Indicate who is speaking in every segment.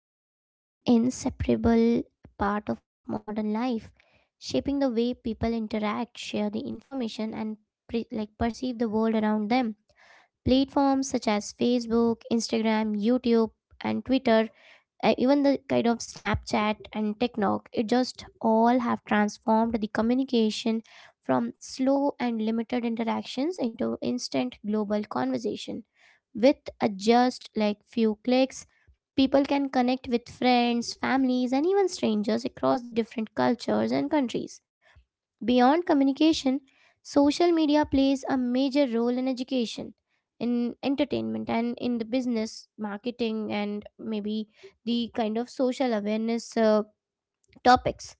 Speaker 1: has become an inseparable part of modern life, shaping the way people interact, share the information, and perceive the world around them. Platforms such as Facebook, Instagram, YouTube, and Twitter, even the kind of Snapchat and TikTok, it just all have transformed the communication from slow and limited interactions into instant global conversation. With a just like few clicks, people can connect with friends, families, and even strangers across the different cultures and countries. Beyond communication, social media plays a major role in education, in entertainment, and in the business, marketing, and maybe the kind of social awareness topics.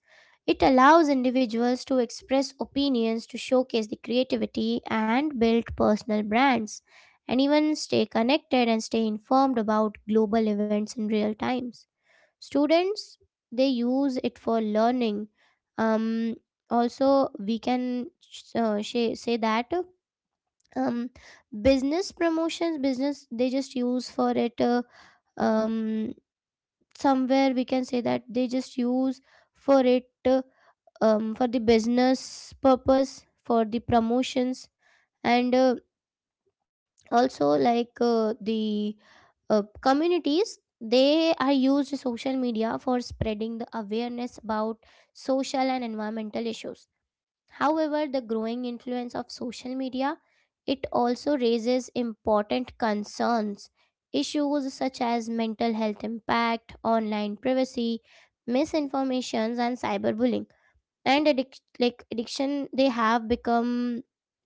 Speaker 1: It allows individuals to express opinions, to showcase the creativity, and build personal brands, and even stay connected and stay informed about global events in real times students they use it for learning, um, also we can say that, um, business promotions, business they just use for it, um, somewhere we can say that they just use for it, for the business purpose, for the promotions, and also the communities they are used social media for spreading the awareness about social and environmental issues. However, the growing influence of social media, it also raises important concerns. Issues such as mental health impact, online privacy, misinformations, and cyberbullying, and addiction, they have become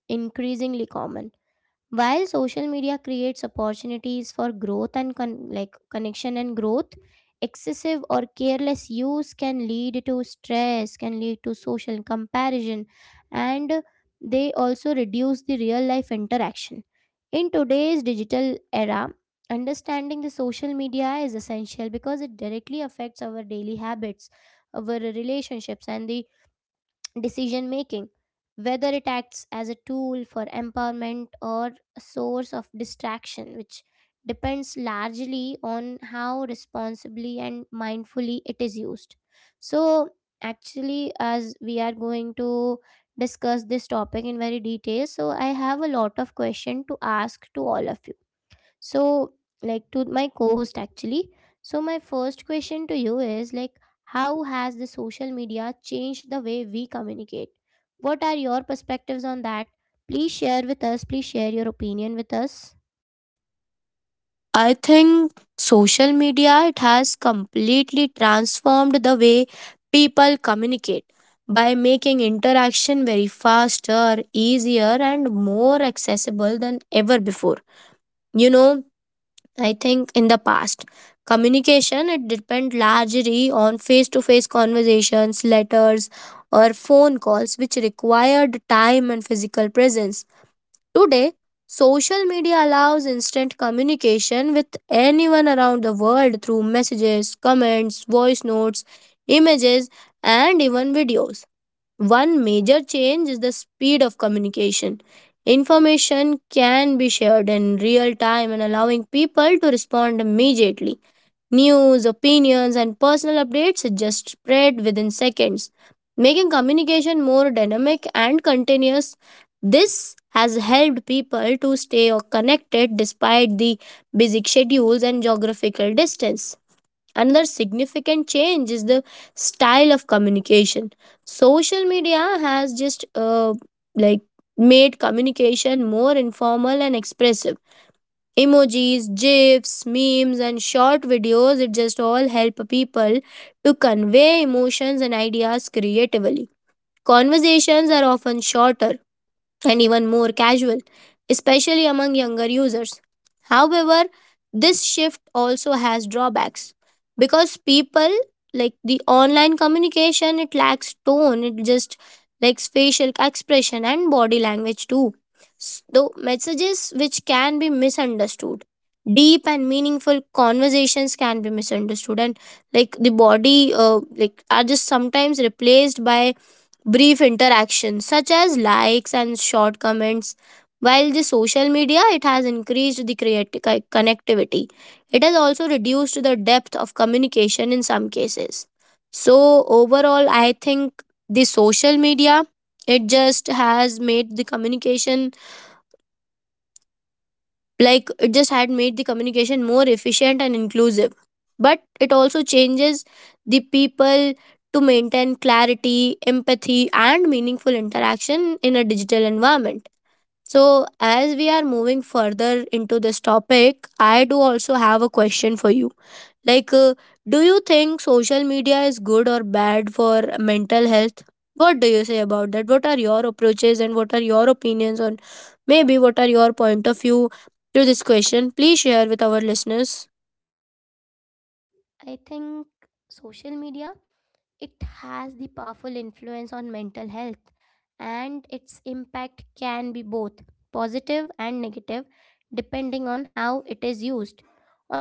Speaker 1: increasingly common. While social media creates opportunities for growth and connection and growth, excessive or careless use can lead to stress, can lead to social comparison, and they also reduce the real life interaction. In today's digital era, understanding the social media is essential because it directly affects our daily habits, our relationships, and the decision making, whether it acts as a tool for empowerment or a source of distraction, which depends largely on how responsibly and mindfully it is used. So, actually, as we are going to discuss this topic in very detail, so I have a lot of question to ask to all of you. So, like, to my co-host actually. So my first question to you is like, how has the social media changed the way we communicate? What are your perspectives on that? Please share with us, please share your opinion with us.
Speaker 2: I think social media it has completely transformed the way people communicate by making interaction very faster, easier and more accessible than ever before. You know, I think in the past communication it depend largely on face to face conversations, letters or phone calls which required time and physical presence. Today, social media allows instant communication with anyone around the world through messages, comments, voice notes, images, and even videos. One major change is the speed of communication. Information can be shared in real time and allowing people to respond immediately. News, opinions, and personal updates just spread within seconds, making communication more dynamic and continuous. This has helped people to stay connected despite the busy schedules and geographical distance. Another significant change is the style of communication. Social media has just like made communication more informal and expressive emojis, gifs, memes, and short videos, it just all help people to convey emotions and ideas creatively. Conversations are often shorter, and even more casual, especially among younger users. However, this shift also has drawbacks because people like the online communication, it lacks tone, it just lacks facial expression and body language too. So, messages which can be misunderstood, deep and meaningful conversations can be misunderstood, and like the body are just sometimes replaced by brief interactions such as likes and short comments while the social media it has increased the connectivity, it has also reduced the depth of communication in some cases. So overall I think the social media it just has made the communication, like it just had made the communication more efficient and inclusive, but it also changes the people to maintain clarity, empathy and meaningful interaction in a digital environment. So as we are moving further into this topic, I do also have a question for you, like, do you think social media is good or bad for mental health? What do you say about that? What are your approaches and what are your opinions on, maybe, what are your point of view to this question? Please share with our listeners.
Speaker 1: I think social media, it has the powerful influence on mental health, and its impact can be both positive and negative depending on how it is used.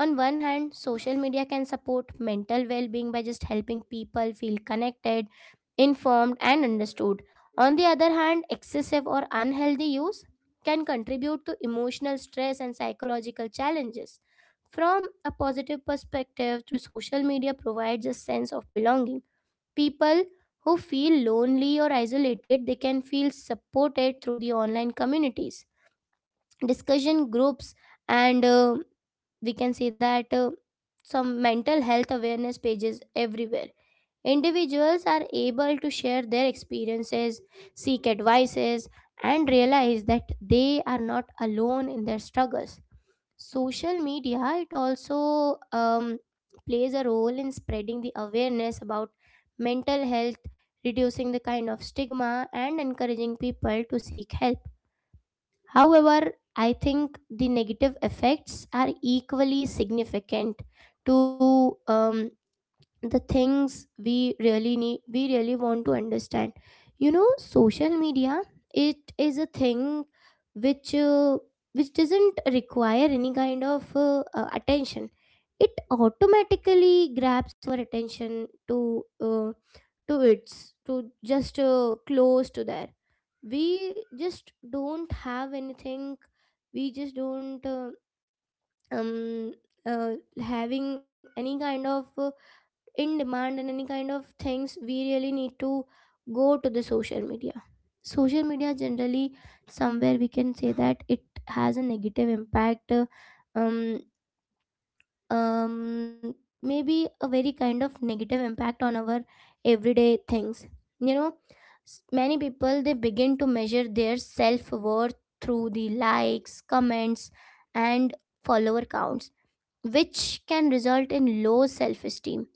Speaker 1: On one hand, social media can support mental well being by just helping people feel connected, informed, and understood. On the other hand, excessive or unhealthy use can contribute to emotional stress and psychological challenges. From a positive perspective, through social media provides a sense of belonging. People who feel lonely or isolated, they can feel supported through the online communities, discussion groups, and we can say that some mental health awareness pages everywhere. Individuals are able to share their experiences, seek advices, and realize that they are not alone in their struggles. Social media it also plays a role in spreading the awareness about mental health, reducing the kind of stigma and encouraging people to seek help. However, I think the negative effects are equally significant. To the things we really need, we really want to understand, you know, social media, it is a thing which uh, which doesn't require any kind of attention. It automatically grabs our attention to its, to just close to there. We just don't have anything, we just don't um uh, having any kind of in demand and any kind of things we really need to go to the social media. Social media generally, somewhere we can say that it has a negative impact, um um maybe a very kind of negative impact on our everyday things. You know, many people they begin to measure their self worth through the likes, comments, and follower counts, which can result in low self esteem,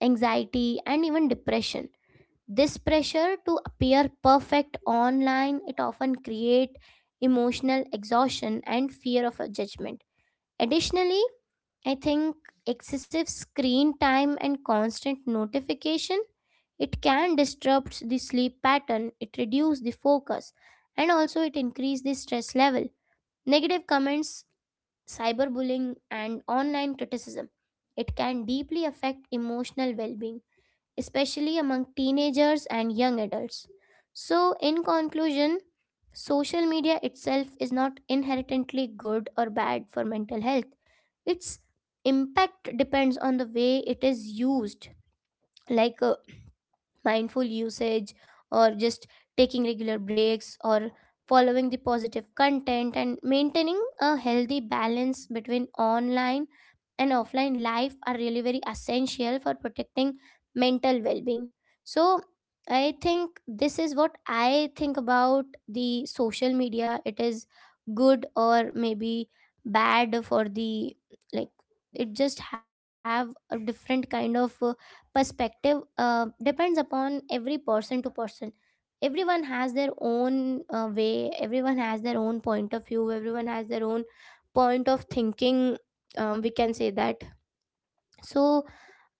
Speaker 1: anxiety, and even depression. This pressure to appear perfect online, it often create emotional exhaustion and fear of a judgment. Additionally, I think excessive screen time and constant notification, it can disrupt the sleep pattern, it reduce the focus, and also it increase the stress level. Negative comments, cyberbullying, and online criticism, it can deeply affect emotional well being, especially among teenagers and young adults. So, in conclusion, social media itself is not inherently good or bad for mental health. Its impact depends on the way it is used. Like uh, mindful usage, or just taking regular breaks, or following the positive content and maintaining a healthy balance between online and offline life are really very essential for protecting mental well-being. So I think this is what I think about the social media, it is good or maybe bad for the, like, it just have a different kind of perspective, depends upon every person to person. Everyone has their own way, everyone has their own point of view, everyone has their own point of thinking, we can say that. So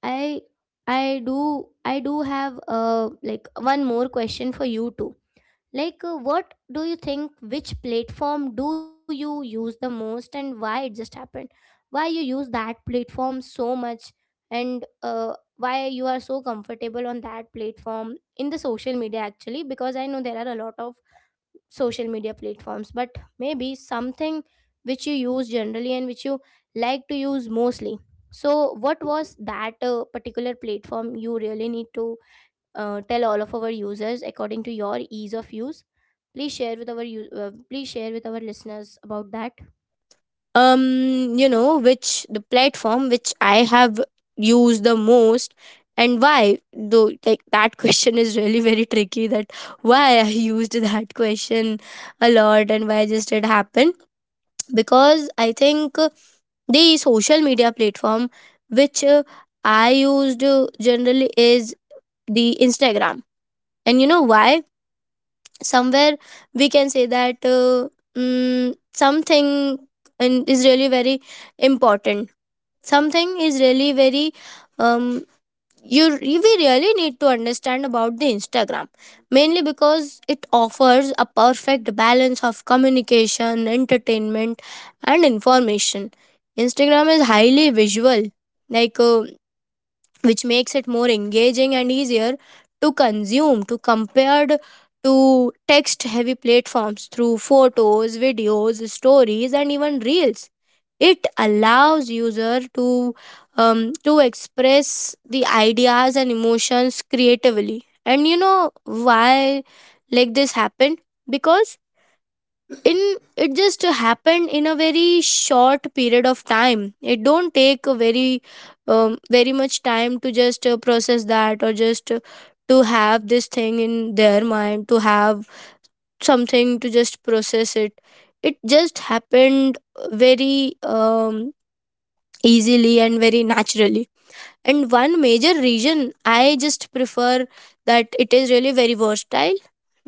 Speaker 1: i I do, I do have like one more question for you too, like, what do you think? Which platform do you use the most, and why it just happened? Why you use that platform so much, and why you are so comfortable on that platform in the social media actually? Because I know there are a lot of social media platforms, but maybe something which you use generally and which you like to use mostly. So, what was that particular platform you really need to tell all of our users according to your ease of use. Please share with our please share with our listeners about that.
Speaker 2: You know, which the platform which I have used the most and why though, like that question is really very tricky, that why I used that question a lot and why just it happened, because I think the social media platform which I used generally is the Instagram. And you know why? Somewhere we can say that something in, is really very important. Something is really very um, you we really need to understand about the Instagram, mainly because it offers a perfect balance of communication, entertainment and information. Instagram is highly visual, like uh, which makes it more engaging and easier to consume to compared to text heavy platforms through photos, videos, stories and even reels. It allows user to express the ideas and emotions creatively. And you know why like this happened? Because in it just happened in a very short period of time, it don't take a very very much time to just process that or just to have this thing in their mind, to have something to just process it. It just happened very easily and very naturally. And one major reason I just prefer that it is really very versatile,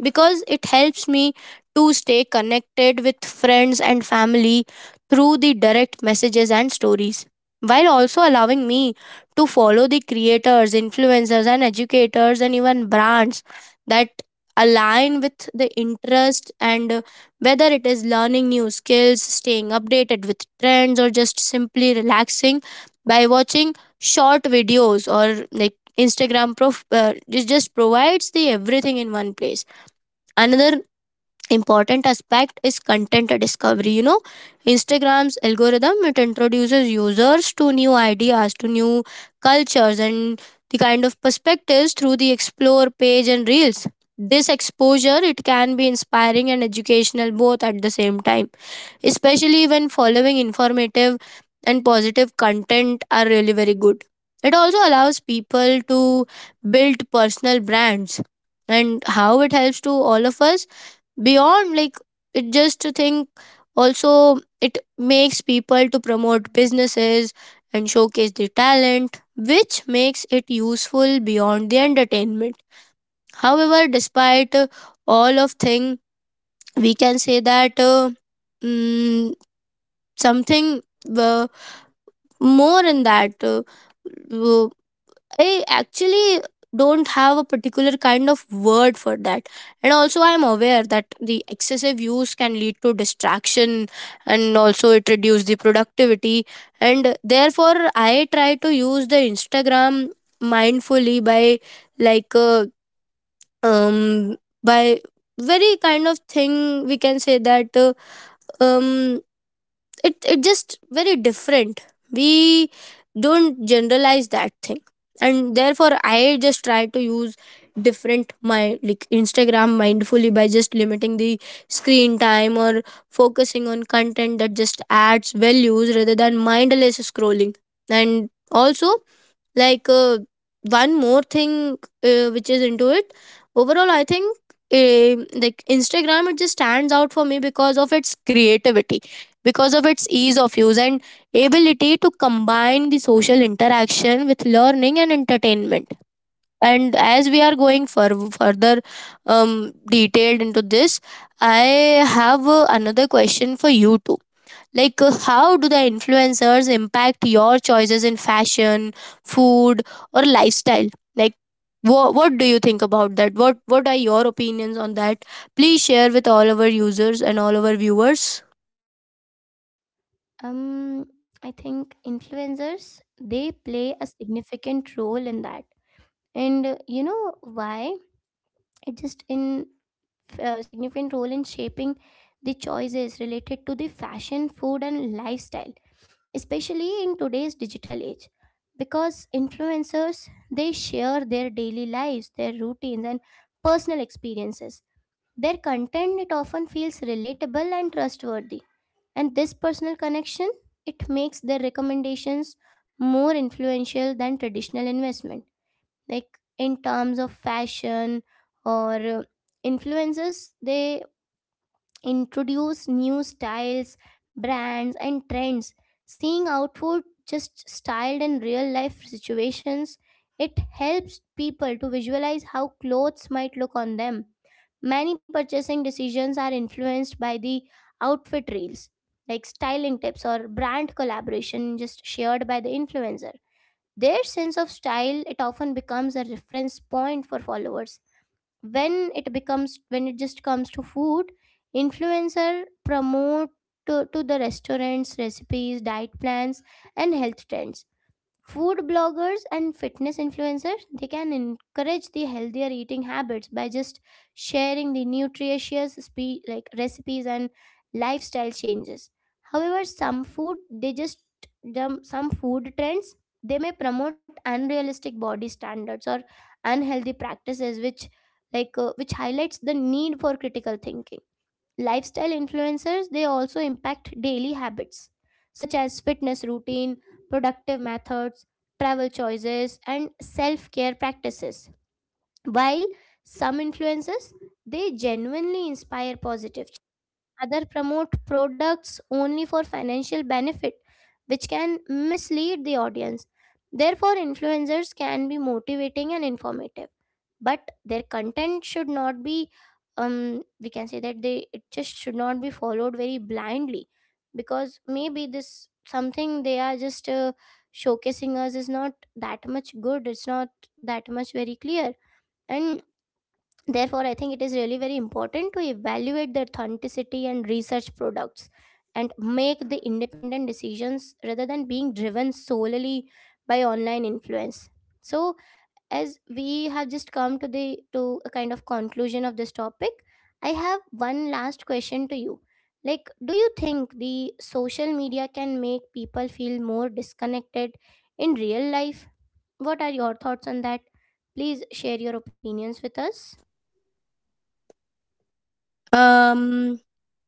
Speaker 2: because it helps me to stay connected with friends and family through the direct messages and stories, while also allowing me to follow the creators, influencers and educators and even brands that align with the interest. And whether it is learning new skills, staying updated with trends or just simply relaxing by watching short videos, or like Instagram prof it just provides the everything in one place. Another important aspect is content discovery. You know, Instagram's algorithm it introduces users to new ideas, to new cultures and the kind of perspectives through the explore page and reels. This exposure it can be inspiring and educational both at the same time, especially when following informative and positive content are really very good. It also allows people to build personal brands, and how it helps to all of us beyond like, it just to think, also it makes people to promote businesses and showcase their talent, which makes it useful beyond the entertainment. However, despite all of thing we can say that mm, something uh, more in that. Uh, I actually don't have a particular kind of word for that. And also, I'm aware that the excessive use can lead to distraction and also it reduces the productivity. And therefore, I try to use the Instagram mindfully by like uh, um by very kind of thing, we can say that um it it just very different, we don't generalize that thing. And therefore I just try to use different my like Instagram mindfully by just limiting the screen time or focusing on content that just adds values rather than mindless scrolling. And also, like uh, one more thing which is into it. Overall I think, uh, like Instagram it just stands out for me because of its creativity, because of its ease of use and ability to combine the social interaction with learning and entertainment. And as we are going for further detailed into this, I have another question for you too, like, how do the influencers impact your choices in fashion, food, or lifestyle? Like, what do you think about that? What are your opinions on that? Please share with all our users and all our viewers.
Speaker 1: um I think influencers they play a significant role in that. And you know why, it just in significant role in shaping the choices related to the fashion, food, and lifestyle, especially in today's digital age. Because influencers they share their daily lives, their routines and personal experiences, their content it often feels relatable and trustworthy, and this personal connection it makes their recommendations more influential than traditional investment. Like in terms of fashion, or influencers they introduce new styles, brands, and trends. Seeing outward just styled in real life situations, it helps people to visualize how clothes might look on them. Many purchasing decisions are influenced by the outfit reels, like styling tips or brand collaboration just shared by the influencer. Their sense of style it often becomes a reference point for followers. When it becomes, when it just comes to food, influencer promote to the restaurants, recipes, diet plans, and health trends. Food bloggers and fitness influencers, they can encourage the healthier eating habits by just sharing the nutritious recipes and lifestyle changes. However, some food they just jump, some food trends they may promote unrealistic body standards or unhealthy practices, which which highlights the need for critical thinking. Lifestyle influencers, they also impact daily habits such as fitness routine, productive methods, travel choices, and self-care practices. While some influencers, they genuinely inspire positive change. Other promote products only for financial benefit, which can mislead the audience. Therefore, influencers can be motivating and informative, but their content should not be, we can say that, they, it just should not be followed very blindly, because maybe this something they are just showcasing us is not that much good, it's not that much very clear. And therefore I think it is really very important to evaluate the authenticity and research products and make the independent decisions rather than being driven solely by online influence. So, as we have just come to the, to a kind of conclusion of this topic, I have one last question to you, like, do you think the social media can make people feel more disconnected in real life? What are your thoughts on that? Please share your opinions with us.
Speaker 2: Um,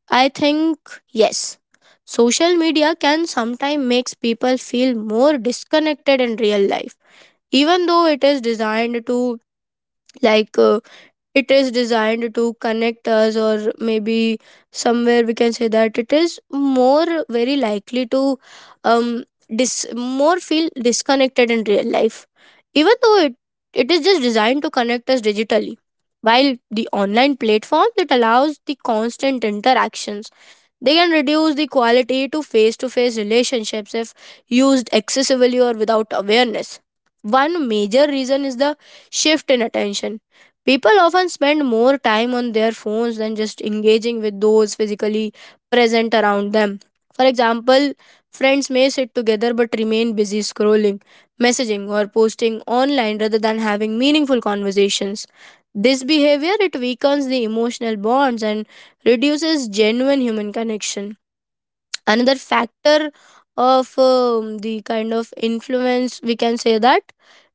Speaker 2: I think yes. Social media can sometimes makes people feel more disconnected in real life, even though it is designed to like. It is designed to connect us, or maybe somewhere we can say that it is more very likely to um dis- more feel disconnected in real life, even though it is just designed to connect us digitally. While the online platform that allows the constant interactions, they can reduce the quality to face relationships if used excessively or without awareness. One major reason is the shift in attention. People often spend more time on their phones than just engaging with those physically present around them. For example, friends may sit together but remain busy scrolling, messaging, or posting online rather than having meaningful conversations. This behavior it weakens the emotional bonds and reduces genuine human connection. Another factor of the kind of influence, we can say that,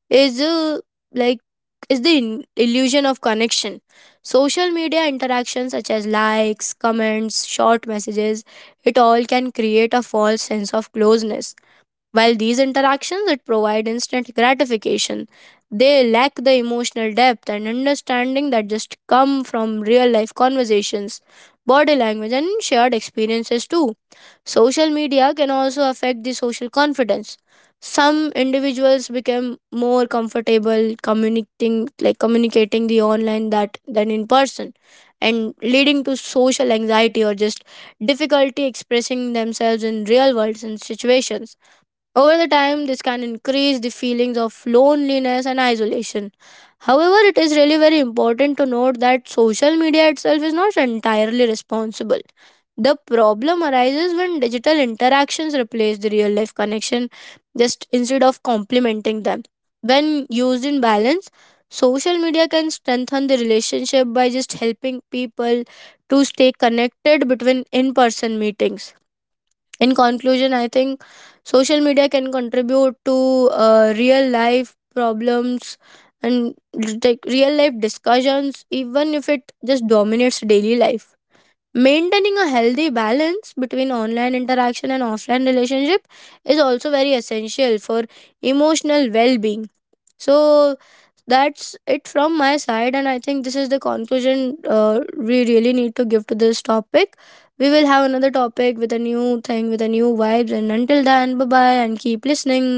Speaker 2: is like is the illusion of connection. Social media interactions such as likes, comments, short messages, it all can create a false sense of closeness. While these interactions it provide instant gratification, they lack the emotional depth and understanding that just come from real life conversations, body language and shared experiences too. Social media can also affect the social confidence. Some individuals become more comfortable communicating the online that than in person, and leading to social anxiety or just difficulty expressing themselves in real world and situations. Over the time, this can increase the feelings of loneliness and isolation. However, it is really very important to note that social media itself is not entirely responsible. The problem arises when digital interactions replace the real life connection, just instead of complementing them. When used in balance, social media can strengthen the relationship by just helping people to stay connected between in person meetings. In conclusion, I think social media can contribute to real life problems and like real life discussions, even if it just dominates daily life. Maintaining a healthy balance between online interaction and offline relationship is also very essential for emotional well being. So, that's it from my side, and I think this is the conclusion we really need to give to this topic. We will have another topic with a new thing, with a new vibes, and until then, bye bye and keep listening.